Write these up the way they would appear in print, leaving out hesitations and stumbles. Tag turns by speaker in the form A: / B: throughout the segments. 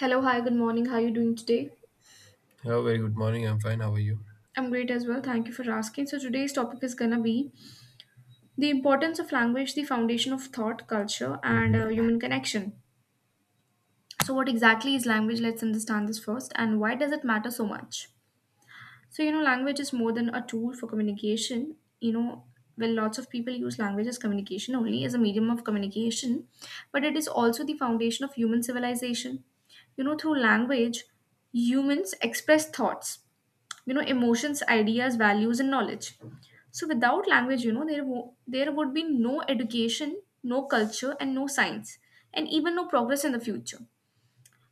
A: Hello, hi, good morning. How are you doing today?
B: Hello, very good morning. I'm fine. How are you?
A: I'm great as well. Thank you for asking. So today's topic is gonna be the importance of language, the foundation of thought, culture, and
B: Mhm.
A: human connection. So what exactly is language? Let's understand this first, and why does it matter so much? So language is more than a tool for communication. Well, lots of people use language as communication only as a medium of communication, but it is also the foundation of human civilization. Through language, humans express thoughts, emotions, ideas, values, and knowledge. So without language, there would be no education, no culture, and no science, and even no progress in the future.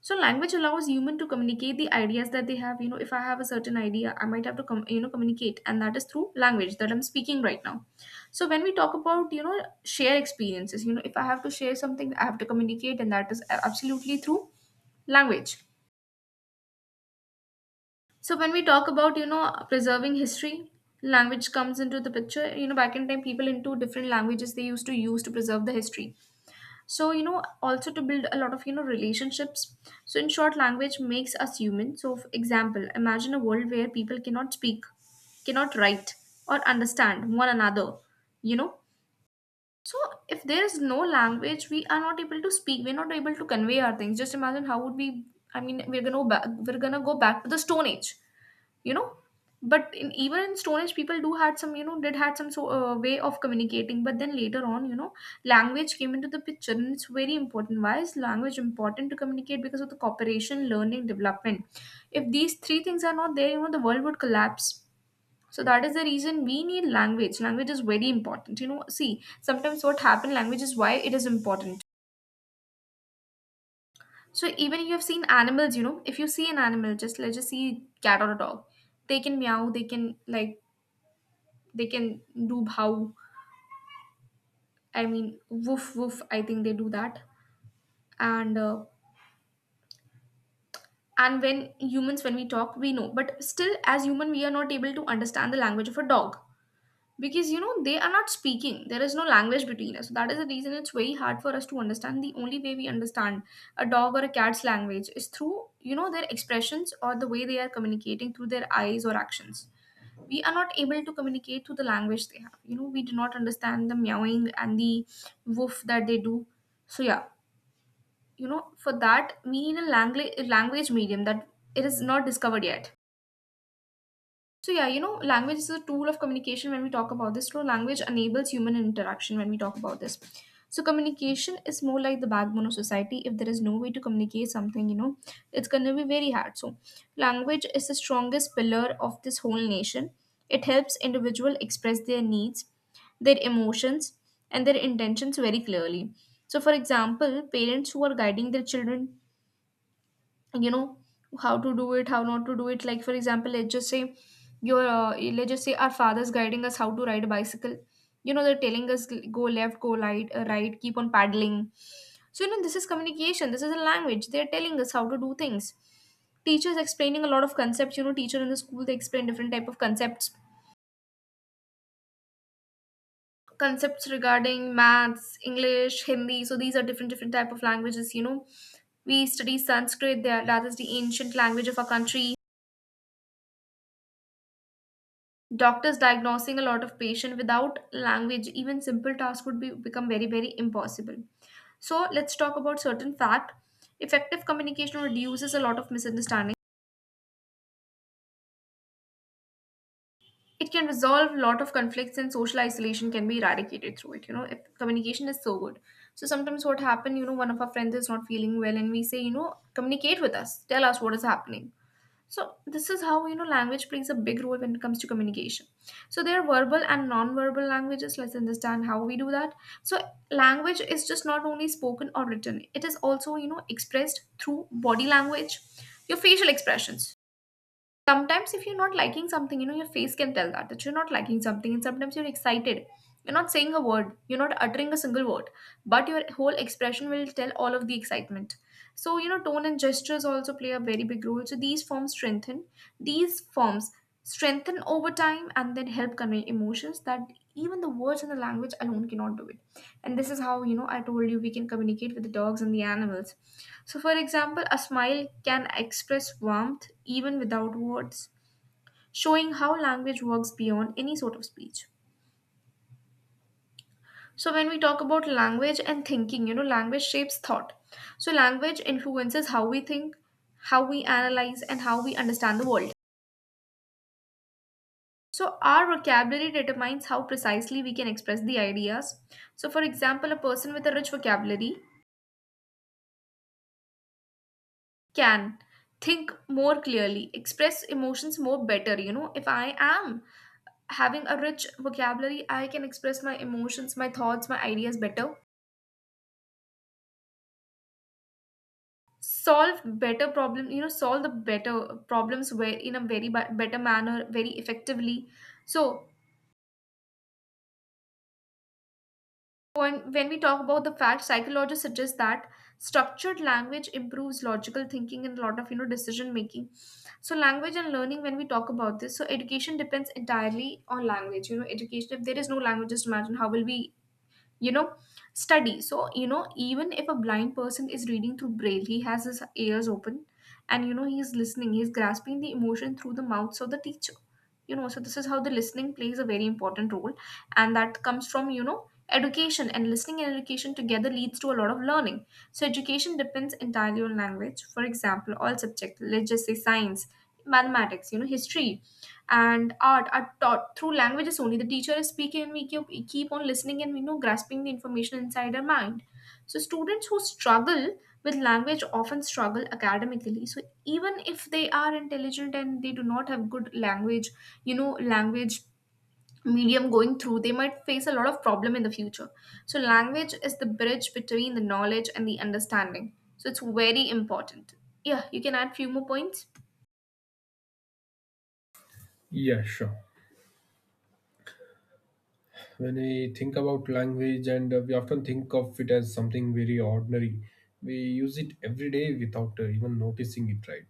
A: So language allows human to communicate the ideas that they have. If I have a certain idea, I might have to communicate, and that is through language that I'm speaking right now. So when we talk about, share experiences, if I have to share something, I have to communicate, and that is absolutely through language. So when we talk about, preserving history, language comes into the picture. Back in time, people into different languages they used to use to preserve the history. So, also to build a lot of, relationships. So in short, language makes us human. So for example, imagine a world where people cannot speak, cannot write, or understand one another, you know. So if there is no language, we are not able to speak. We're not able to convey our things. Just imagine how would we. I mean, we're gonna go back to the Stone Age. you know but even in Stone Age, people do had some you know did had some so way of communicating, but then later on, language came into the picture, and it's very important. Why is language important to communicate? Because of the cooperation, learning, development. If these three things are not there, the world would collapse. So that is the reason we need language. Language is very important, see. Sometimes what happened, language is why it is important. So even you have seen animals, if you see an animal, just let's just see cat or a dog. They can meow, they can, like, they can do how. I mean, woof woof, I think they do that. And uh, and when humans, when we talk, we know, but still as human we are not able to understand the language of a dog, because they are not speaking, there is no language between us. So, that is the reason it's very hard for us to understand. The only way we understand a dog or a cat's language is through, their expressions, or the way they are communicating through their eyes or actions. We are not able to communicate through the language they have. We do not understand the meowing and the woof that they do. So yeah, for that we need a language, language medium, that it is not discovered yet. So yeah, language is a tool of communication when we talk about this. So language enables human interaction when we talk about this. So communication is more like the backbone of society. If there is no way to communicate something, it's gonna be very hard. So language is the strongest pillar of this whole nation. It helps individual express their needs, their emotions, and their intentions very clearly. So for example, parents who are guiding their children, you know how to do it, how not to do it. Like for example, let's just say your let's just say our fathers guiding us how to ride a bicycle. They're telling us, go left, go right, right, keep on paddling. So this is communication, this is a language, they're telling us how to do things. Teachers explaining a lot of concepts, teacher in the school they explain different type of concepts, concepts regarding maths, English, Hindi. So these are different different type of languages, we study Sanskrit there, that is the ancient language of our country. Doctors diagnosing a lot of patient without language, even simple tasks would be become very, very impossible. So let's talk about certain fact. Effective communication reduces a lot of misunderstanding. It can resolve a lot of conflicts, and social isolation can be eradicated through it. If communication is so good. So sometimes what happen, one of our friends is not feeling well and we say, communicate with us. Tell us what is happening. So this is how language plays a big role when it comes to communication. So there are verbal and non-verbal languages, let's understand how we do that. So language is just not only spoken or written, it is also expressed through body language, your facial expressions. Sometimes if you're not liking something, your face can tell that you're not liking something. And sometimes you're excited, you're not saying a word, you're not uttering a single word, but your whole expression will tell all of the excitement. So tone and gestures also play a very big role. So these forms strengthen over time, and then help convey emotions that even the words and the language alone cannot do it. And this is how, I told you, we can communicate with the dogs and the animals. So for example, a smile can express warmth even without words, showing how language works beyond any sort of speech. So when we talk about language and thinking, language shapes thought. So language influences how we think, how we analyze, and how we understand the world. So our vocabulary determines how precisely we can express the ideas. So for example, a person with a rich vocabulary can think more clearly, express emotions more better. If I am having a rich vocabulary, I can express my emotions, my thoughts, my ideas better, solve better problem, solve the better problems where in a very better manner, very effectively. So when we talk about the fact, psychologists suggest that structured language improves logical thinking and a lot of decision making. So language and learning, when we talk about this, so education depends entirely on language. Education. If there is no language, just imagine how will we you know study. So even if a blind person is reading through Braille, he has his ears open, and he is listening, he is grasping the emotion through the mouths of the teacher, so this is how the listening plays a very important role, and that comes from, education. And listening and education together leads to a lot of learning. So education depends entirely on language. For example, all subjects, let's just say science, mathematics, history, and art are taught through languages only. The teacher is speaking, and we keep on listening and we know grasping the information inside our mind. So students who struggle with language often struggle academically. So even if they are intelligent and they do not have good language, language medium going through, they might face a lot of problem in the future. So language is the bridge between the knowledge and the understanding, so it's very important. Yeah, you can add few more points.
B: Yeah, sure. When we think about language, and we often think of it as something very ordinary. We use it every day without even noticing it, right?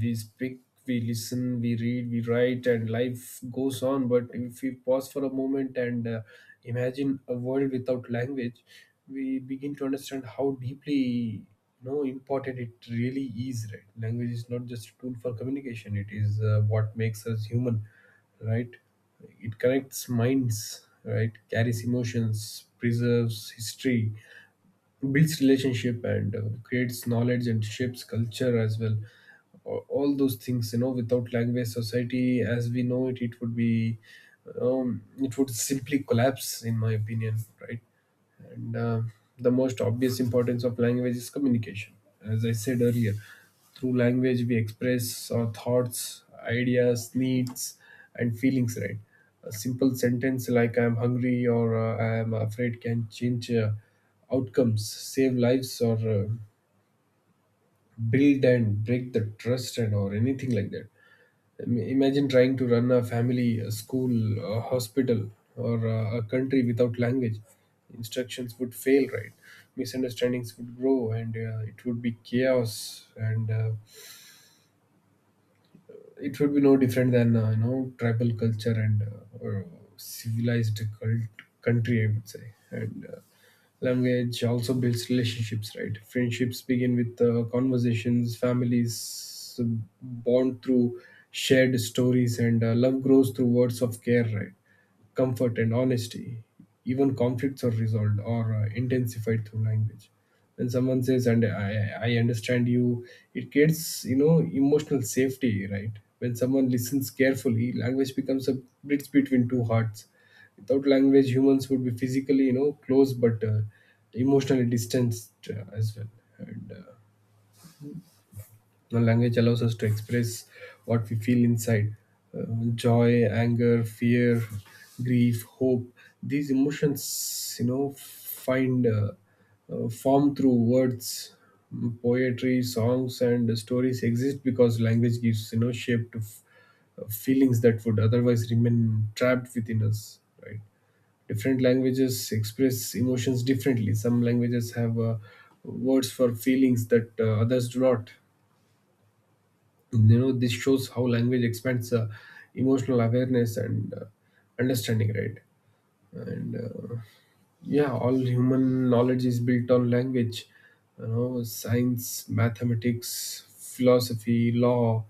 B: We speak, we listen, we read, we write, and life goes on. But if we pause for a moment and imagine a world without language, we begin to understand how deeply, you know, important it really is, right? Language is not just a tool for communication. It is, what makes us human, right? It connects minds, right, carries emotions, preserves history, builds relationship, and creates knowledge and shapes culture as well. A- all those things, you know, without language, society as we know it, it would be, it would simply collapse, in my opinion. Right. and The most obvious importance of language is communication. As I said earlier, through language we express our thoughts, ideas, needs, and feelings. Right, a simple sentence like "I'm hungry" or "I am afraid" can change outcomes, save lives, or build and break the trust and or anything like that. Imagine trying to run a family, a school, a hospital, or a country without language. Instructions would fail, right? Misunderstandings would grow, and it would be chaos. And It would be no different than you know, tribal culture and or civilized cult country, I would say. And Language also builds relationships, right? Friendships begin with conversations, families bond through shared stories, and love grows through words of care, right, comfort and honesty. Even conflicts are resolved or intensified through language. When someone says, I understand you," it creates, you know, emotional safety, right? When someone listens carefully, language becomes a bridge between two hearts. Without language, humans would be physically, you know, close but emotionally distanced as well. And The language allows us to express what we feel inside: uh, joy, anger, fear, grief, hope. These emotions, you know, find form through words. Poetry, songs, and stories exist because language gives, you know, shape to feelings that would otherwise remain trapped within us, right? Different languages express emotions differently. Some languages have words for feelings that others do not. You know, this shows how language expands emotional awareness and understanding, right? And uh, yeah all human knowledge is built on language. You know, science, mathematics, philosophy, law,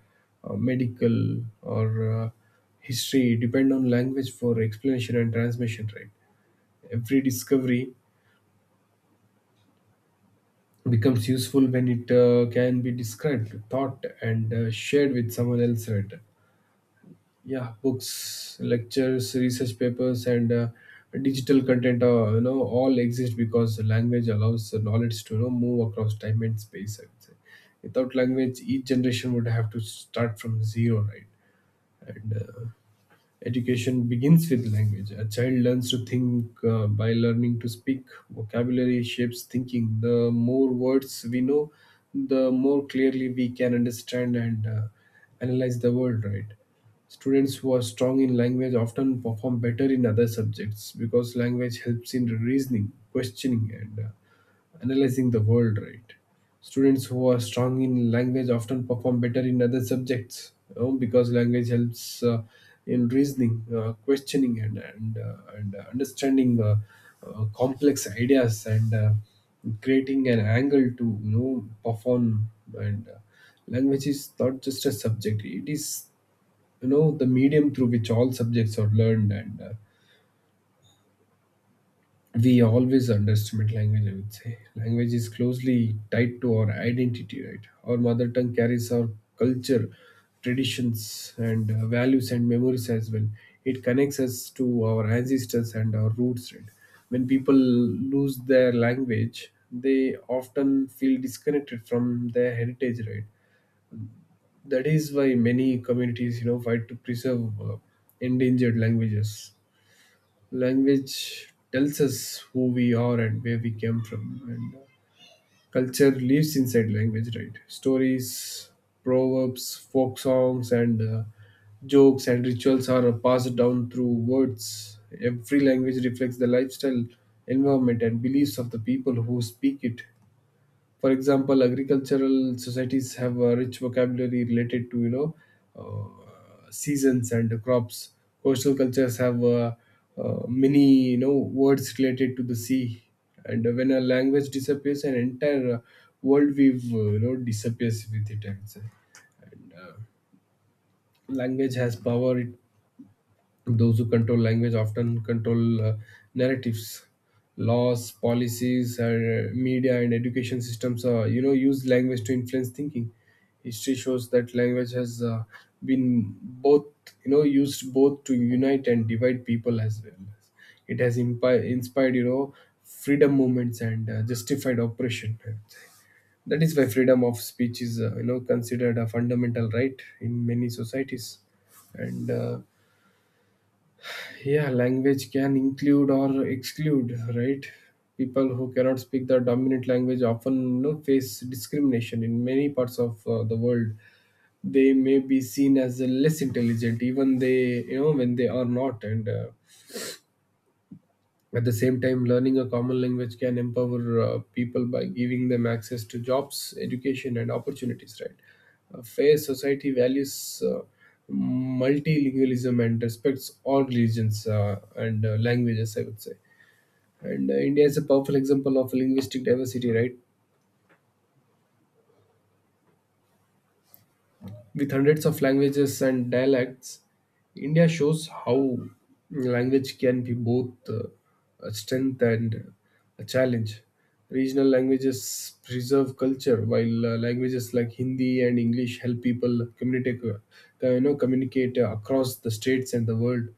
B: medical, or uh, history depend on language for explanation and transmission, right? Every discovery becomes useful when it can be described, taught, and shared with someone else, right? Yeah, books, lectures, research papers, and digital content, you know, all exist because language allows the knowledge to, you know, move across time and space, I would say. Without language, each generation would have to start from zero, right? and Education begins with language. A child learns to think by learning to speak. Vocabulary shapes thinking. The more words we know, the more clearly we can understand and analyze the world, right? Students who are strong in language often perform better in other subjects because language helps in reasoning, questioning, and analyzing the world, right? Students who are strong in language often perform better in other subjects, you know, because language helps in reasoning, questioning, and understanding complex ideas and creating an angle to, you know, perform. And Language is not just a subject; it is, you know, the medium through which all subjects are learned and we always underestimate language, I would say. Language is closely tied to our identity, right? Our mother tongue carries our culture, traditions, and values and memories as well. It connects us to our ancestors and our roots, right? When people lose their language, they often feel disconnected from their heritage, right? That is why many communities, you know, fight to preserve endangered languages. Language tells us who we are and where we came from. And Culture lives inside language, right? Stories, proverbs, folk songs, and jokes and rituals are passed down through words. Every language reflects the lifestyle, environment, and beliefs of the people who speak it. For example, agricultural societies have a rich vocabulary related to, you know, seasons and crops. Coastal cultures have many, you know, words related to the sea. And when a language disappears, an entire worldview, you know, disappears with it, I would say. Language has power. It Those who control language often control narratives, laws, policies, media, and education systems. You know, use language to influence thinking. History shows that language has been both, you know, used both to unite and divide people as well. As It has inspired, you know, freedom movements and justified oppression. That is why freedom of speech is, you know, considered a fundamental right in many societies. And uh, yeah language can include or exclude, right? People who cannot speak the dominant language often, you know, face discrimination in many parts of the world. They may be seen as less intelligent even they you know, when they are not. And At the same time, learning a common language can empower people by giving them access to jobs, education, and opportunities. Right, a fair society values multilingualism and respects all religions and languages, I would say. And India is a powerful example of linguistic diversity. Right, with hundreds of languages and dialects, India shows how language can be both a strength and a challenge. Regional languages preserve culture, while languages like Hindi and English help people communicate, across the states and the world.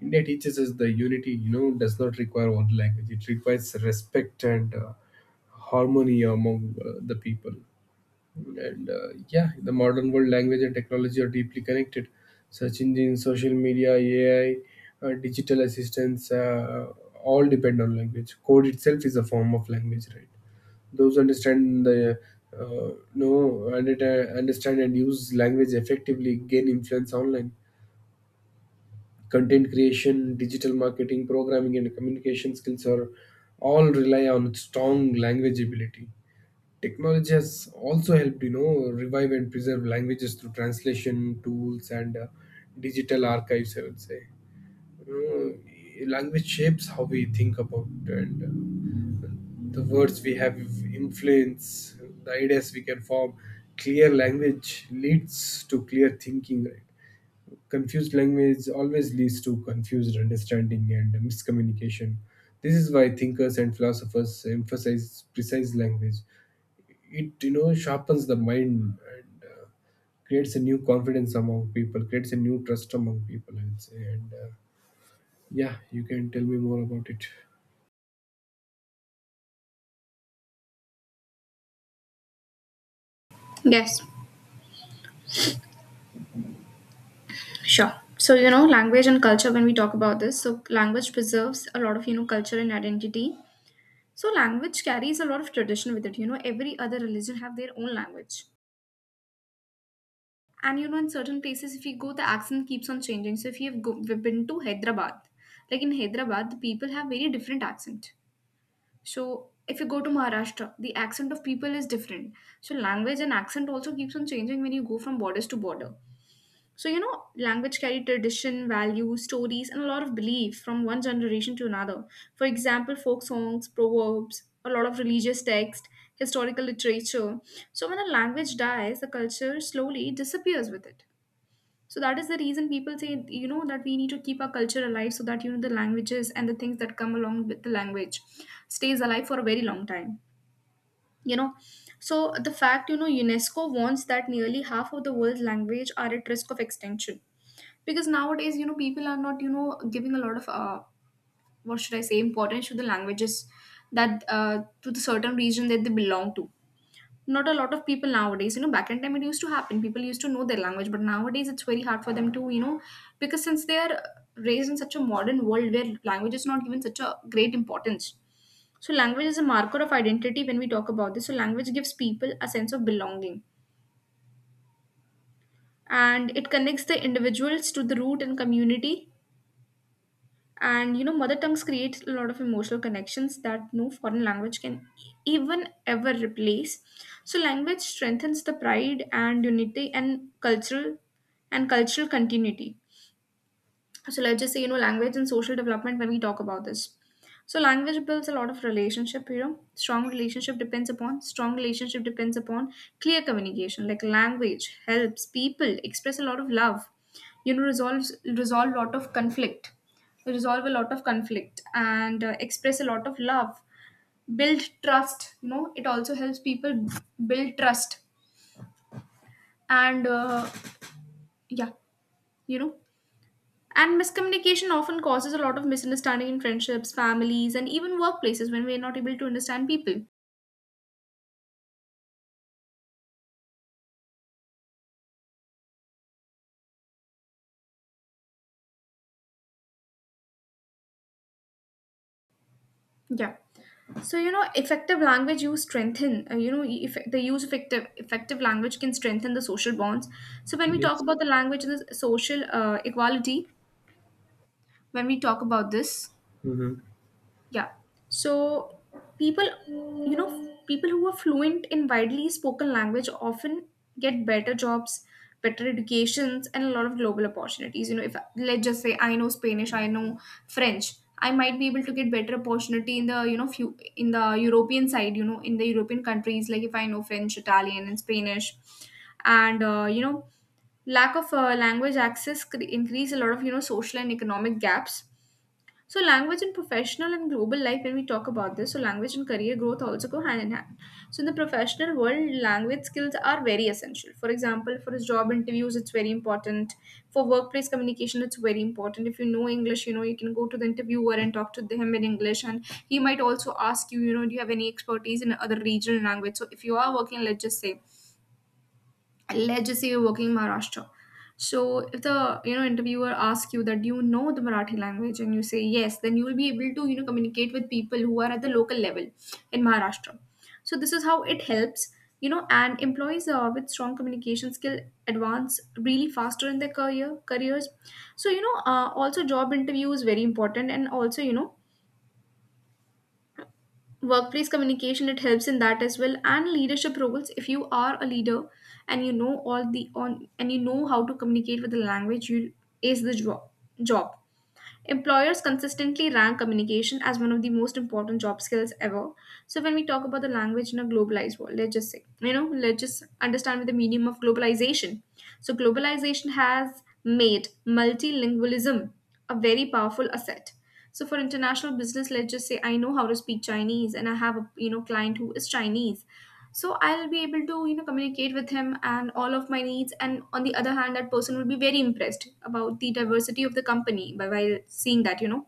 B: India teaches us the unity, you know, does not require one language. It requires respect and harmony among the people. The modern world, language and technology are deeply connected. Search engines, social media, AI, digital assistants, all depend on language. Code itself is a form of language, right? Those who understand the understand and use language effectively gain influence online. Content creation, digital marketing, programming, and communication skills are all rely on strong language ability. Technology has also helped, you know, revive and preserve languages through translation tools and digital archives, I would say. You know, language shapes how we think about and uh, the words we have influence the ideas we can form. Clear language leads to clear thinking, right? Confused language always leads to confused understanding and miscommunication. This is why thinkers and philosophers emphasize precise language. It, you know, sharpens the mind and creates a new confidence among people, creates a new trust among people, I would say. And yeah You can tell me more about it.
A: Yes, sure. So, language and culture, when we talk about this, so language preserves a lot of, culture and identity. So, language carries a lot of tradition with it. Every other religion have their own language. And in certain places if you go, the accent keeps on changing. So if you've go- we've been to Hyderabad, like in Hyderabad the people have very different accent. So if you go to Maharashtra, the accent of people is different. So language and accent also keeps on changing when you go from borders to border. So language carry tradition, values, stories, and a lot of belief from one generation to another. For example, folk songs, proverbs, a lot of religious text, historical literature. So when a language dies, the culture slowly disappears with it. So that is the reason people say, that we need to keep our culture alive so that, the languages and the things that come along with the language stays alive for a very long time, you know. So the fact, UNESCO warns that nearly half of the world's language are at risk of extinction. Because nowadays, people are not, giving a lot of, what should I say, importance to the languages that, to the certain region that they belong to. Not a lot of people nowadays, you know. Back in time it used to happen, people used to know their language, but nowadays it's very hard for them to, you know, because since they are raised in such a modern world where language is not given such a great importance. So language is a marker of identity. When we talk about this, so language gives people a sense of belonging and it connects the individuals to the root and community. And you know, mother tongues create a lot of emotional connections that no foreign language can even ever replace. So language strengthens the pride and unity and cultural continuity. So let's just say, you know, language and social development. When we talk about this, so language builds a lot of relationship. You know, strong relationship depends upon clear communication. Like, language helps people express a lot of love, you know, resolve a lot of conflict, resolve a lot of conflict and express a lot of love, build trust. You know, it also helps people build trust and yeah you know And miscommunication often causes a lot of misunderstanding in friendships, families, and even workplaces when we are not able to understand people. Yeah. So you know, effective language use strengthen. You know, e- eff- the use of effective language can strengthen the social bonds. So when we talk
B: Yes.
A: about the language and the social equality, when we talk about this,
B: Hmm.
A: yeah. So people, you know, people who are fluent in widely spoken language often get better jobs, better educations, and a lot of global opportunities. You know, if let's just say I know Spanish, I know French, I might be able to get better opportunity in the, you know, few in the European side. You know, in the European countries, like if I know French, Italian, and Spanish, and you know, lack of language access increase a lot of, you know, social and economic gaps. So language and professional and global life, when we talk about this, so language and career growth also go hand in hand. So in the professional world, language skills are very essential. For example, for job interviews, it's very important. For workplace communication, it's very important. If you know English, you know, you can go to the interviewer and talk to him in English. And he might also ask you, you know, do you have any expertise in other regional language? So if you are working, let's just say you're working in Maharashtra. So if the, you know, interviewer asks you that you know the Marathi language and you say yes, then you will be able to, you know, communicate with people who are at the local level in Maharashtra. So this is how it helps, you know, and employees with strong communication skill advance really faster in their careers. So you know, also job interview is very important and also, you know, workplace communication, it helps in that as well. And leadership roles, if you are a leader and you know all the on and you know how to communicate with the language, you ace the job. Employers consistently rank communication as one of the most important job skills ever. So when we talk about the language in a globalized world, let's just say, you know, let's just understand the meaning of globalization. So globalization has made multilingualism a very powerful asset. So for international business, let's just say I know how to speak Chinese and I have a, you know, client who is Chinese, so I'll be able to, you know, communicate with him and all of my needs. And on the other hand, that person will be very impressed about the diversity of the company by while seeing that, you know,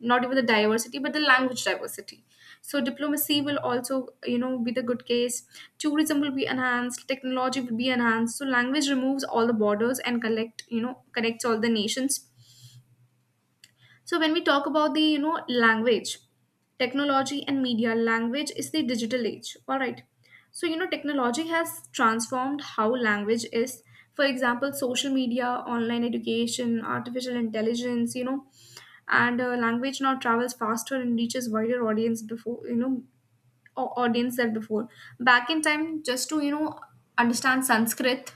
A: not even the diversity but the language diversity. So diplomacy will also, you know, be the good case, tourism will be enhanced, technology will be enhanced. So language removes all the borders and collect you know, connects all the nations. So when we talk about the, you know, language, technology and media, language is the digital age. All right. So you know, technology has transformed how language is. For example, social media, online education, artificial intelligence, you know, and language now travels faster and reaches wider audience before, you know, audience than before. Back in time, just to, you know, understand Sanskrit,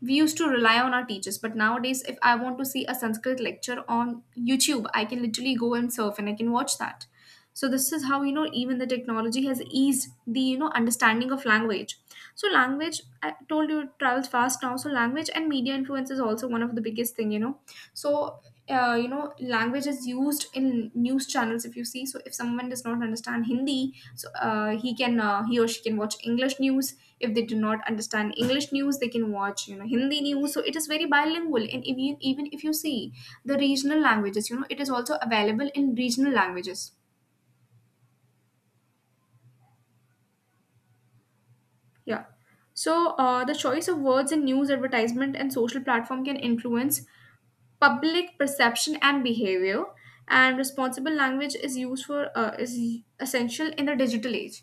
A: we used to rely on our teachers. But nowadays if I want to see a Sanskrit lecture on YouTube, I can literally go and surf and I can watch that. So this is how, you know, even the technology has eased the, you know, understanding of language. So language, I told you, it travels fast now. So language and media influence is also one of the biggest thing, you know. So you know, language is used in news channels, if you see. So if someone does not understand Hindi, so he or she can watch English news. If they do not understand English news, they can watch, you know, Hindi news. So it is very bilingual. And even if you see the regional languages, you know, it is also available in regional languages. Yeah. So the choice of words in news advertisement and social platform can influence public perception and behavior. And responsible language is used for is essential in the digital age.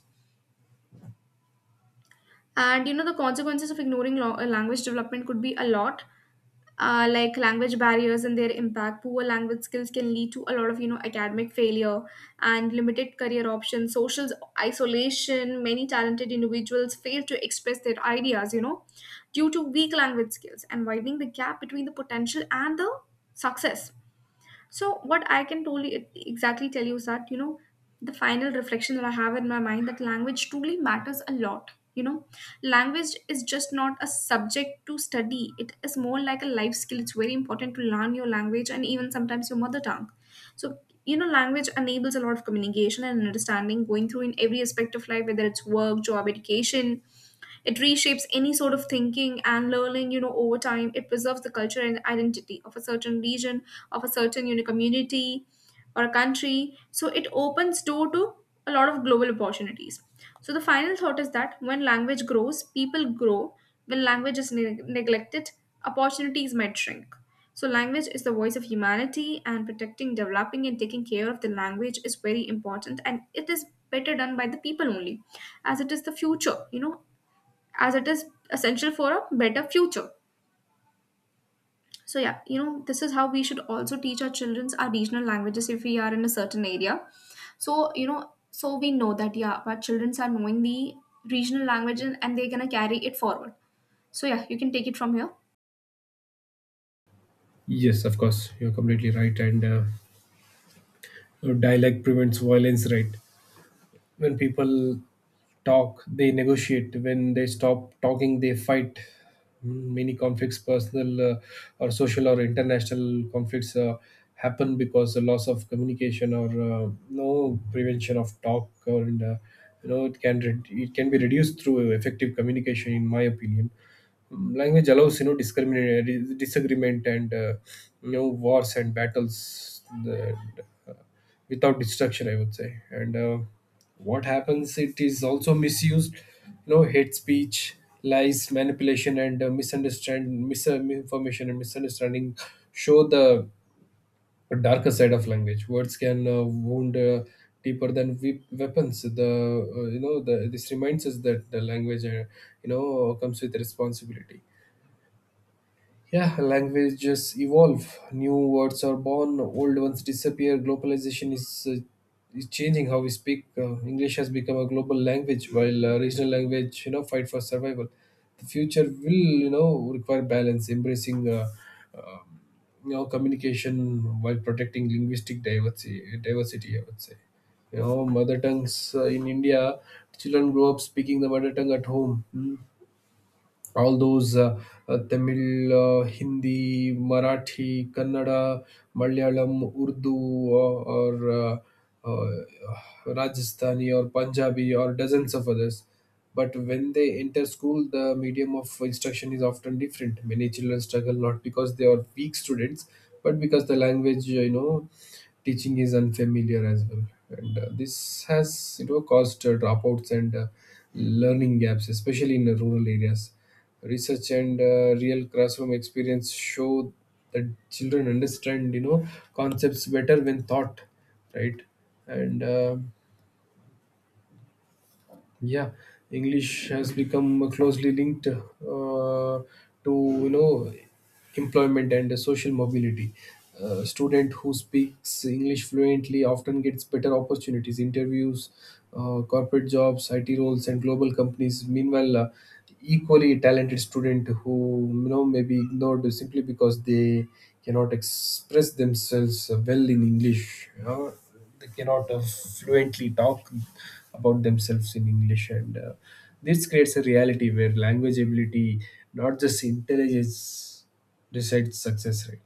A: And you know, the consequences of ignoring language development could be a lot. Like language barriers and their impact, poor language skills can lead to a lot of, you know, academic failure and limited career options, social isolation. Many talented individuals fail to express their ideas, you know, due to weak language skills and widening the gap between the potential and the success. So what I can totally exactly tell you is that, you know, the final reflection that I have in my mind that language truly matters a lot. You know, language is just not a subject to study. It is more like a life skill. It's very important to learn your language and even sometimes your mother tongue. So you know, language enables a lot of communication and understanding, going through in every aspect of life, whether it's work, job, education. It reshapes any sort of thinking and learning, you know, over time. It preserves the culture and identity of a certain region, of a certain, you know, community or a country. So it opens door to a lot of global opportunities. So the final thought is that when language grows, people grow. When language is neglected, opportunities might shrink. So language is the voice of humanity, and protecting, developing and taking care of the language is very important, and it is better done by the people only, as it is the future, you know, as it is essential for a better future. So yeah, you know, this is how we should also teach our childrens our regional languages if we are in a certain area. So, you know, so we know that yeah, our childrens are knowing the regional language, and they're gonna carry it forward. So yeah, you can take it from here.
B: Yes, of course, you're completely right. and Dialect prevents violence, right? When people talk, they negotiate. When they stop talking, they fight. Many conflicts, personal or social or international conflicts, happen because the loss of communication or no prevention of talk, or in the, you know, it it can be reduced through effective communication, in my opinion. Language allows, you know, disagreement and you know, wars and battles and, uh, without destruction, I would say. And What happens, it is also misused. You know, hate speech, lies, manipulation, and misunderstand misinformation and misunderstanding show the darker side of language. Words can wound deeper than weapons. The, you know, this reminds us that the language, you know, comes with responsibility. Yeah, languages evolve. New words are born, old ones disappear. Globalization is changing how we speak. English has become a global language, while regional language, you know, fight for survival. The future will, you know, require balance, embracing, uh, you know, communication while protecting linguistic diversity. Diversity, I would say. You know, mother tongues in India, children grow up speaking the mother tongue at home. Hmm. All those Tamil, Hindi, Marathi, Kannada, Malayalam, Urdu, or uh, Rajasthani, or Punjabi, or dozens of others. But when they enter school, the medium of instruction is often different. Many children struggle not because they are weak students, but because the language, you know, teaching is unfamiliar as well. And This has, you know, caused dropouts and learning gaps, especially in the rural areas. Research and real classroom experience show that children understand, you know, concepts better when taught, right? and um yeah, English has become closely linked to, you know, employment and social mobility. A student who speaks English fluently often gets better opportunities, interviews, corporate jobs, IT roles, and global companies. Meanwhile, equally talented student who may be ignored simply because they cannot express themselves well in English. They cannot fluently talk about themselves in English, and this creates a reality where language ability, not just intelligence, decides success rate.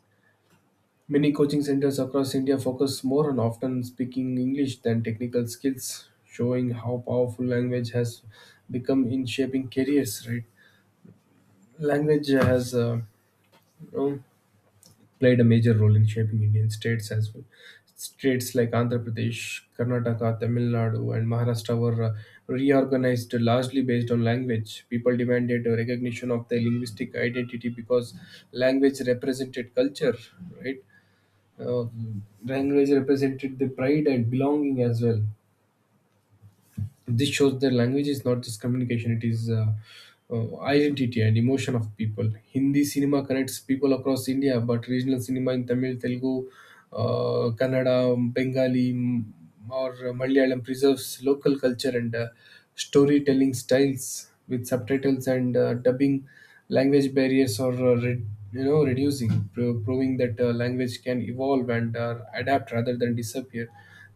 B: Many coaching centers across India focus more on often speaking English than technical skills, showing how powerful language has become in shaping careers, right? Language has you know, played a major role in shaping Indian states as well. States like Andhra Pradesh, Karnataka, Tamil Nadu, and Maharashtra were reorganized largely based on language. People demanded a recognition of their linguistic identity because language represented culture, right? Uh, Language represented the pride and belonging as well. This shows that language is not just communication, it is identity and emotion of people. Hindi cinema connects people across India, but regional cinema in Tamil, Telugu, Kannada, Bengali, or Malayalam preserves local culture and storytelling styles. With subtitles and dubbing, language barriers are reducing, proving that language can evolve and adapt rather than disappear.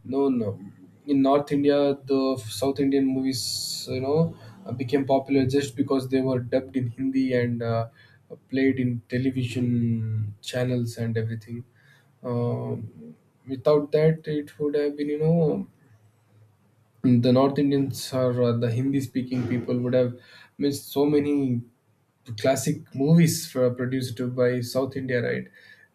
B: No, no. In North India, the South Indian movies, you know, became popular just because they were dubbed in Hindi and played in television channels and everything. Um Without that, it would have been, you know, the North Indians, or the Hindi-speaking people, would have missed so many classic movies for, produced by South India, right?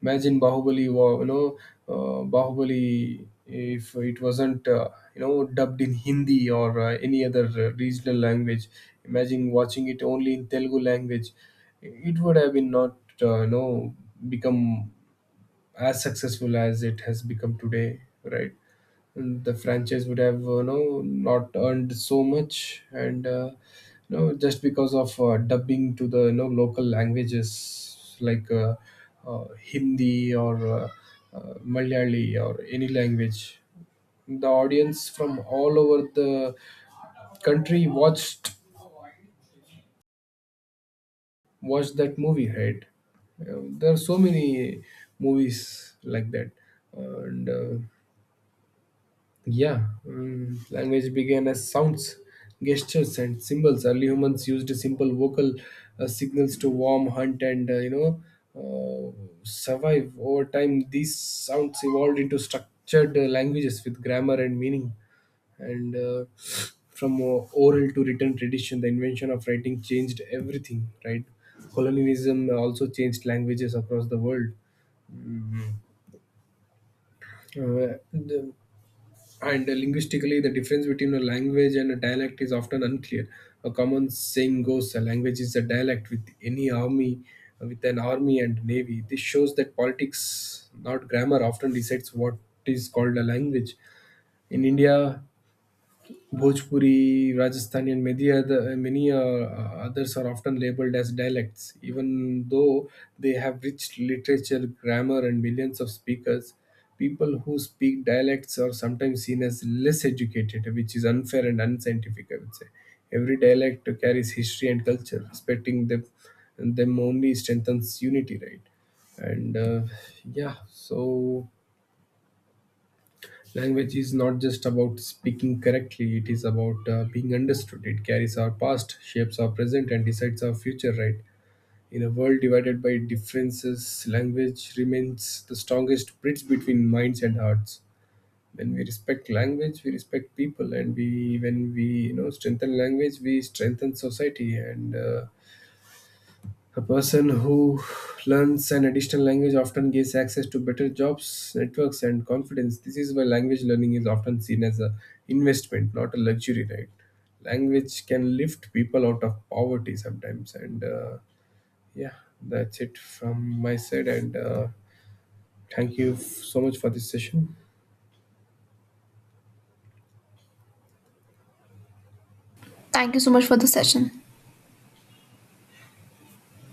B: Imagine Bahubali, Bahubali, if it wasn't, dubbed in Hindi or any other regional language, imagine watching it only in Telugu language, it would have been not, uh, you know, become as successful as it has become today, right? And the franchise would have not earned so much, and just because of dubbing to the local languages like uh, Hindi, or Malayali, or any language, the audience from all over the country watched, watched that movie, right? There are so many movies like that, and yeah. Language began as sounds, gestures, and symbols. Early humans used simple vocal signals to warm, hunt, and uh, survive. Over time, these sounds evolved into structured languages with grammar and meaning. And From oral to written tradition, the invention of writing changed everything. Right, colonialism also changed languages across the world. The And Linguistically, the difference between a language and a dialect is often unclear. A common saying goes, "A language is a dialect with any army, with an army and navy." This shows that politics, not grammar, often decides what is called a language. In India, Bhojpuri, Rajasthani, and many others are often labeled as dialects, even though they have rich literature, grammar, and millions of speakers. People who speak dialects are sometimes seen as less educated, which is unfair and unscientific. I would say every dialect carries history and culture. Respecting them only strengthens unity, right? And yeah, so Language is not just about speaking correctly, it is about being understood. It carries our past, shapes our present, and decides our future, right? In a world divided by differences, language remains the strongest bridge between minds and hearts. When we respect language, we respect people, and we when we you know strengthen language, we strengthen society, and a person who learns an additional language often gains access to better jobs, networks, and confidence. This is why language learning is often seen as an investment, not a luxury, right? Language can lift people out of poverty sometimes. Yeah, that's it from my side. And thank you so much for this session.
A: Thank you so much for the session.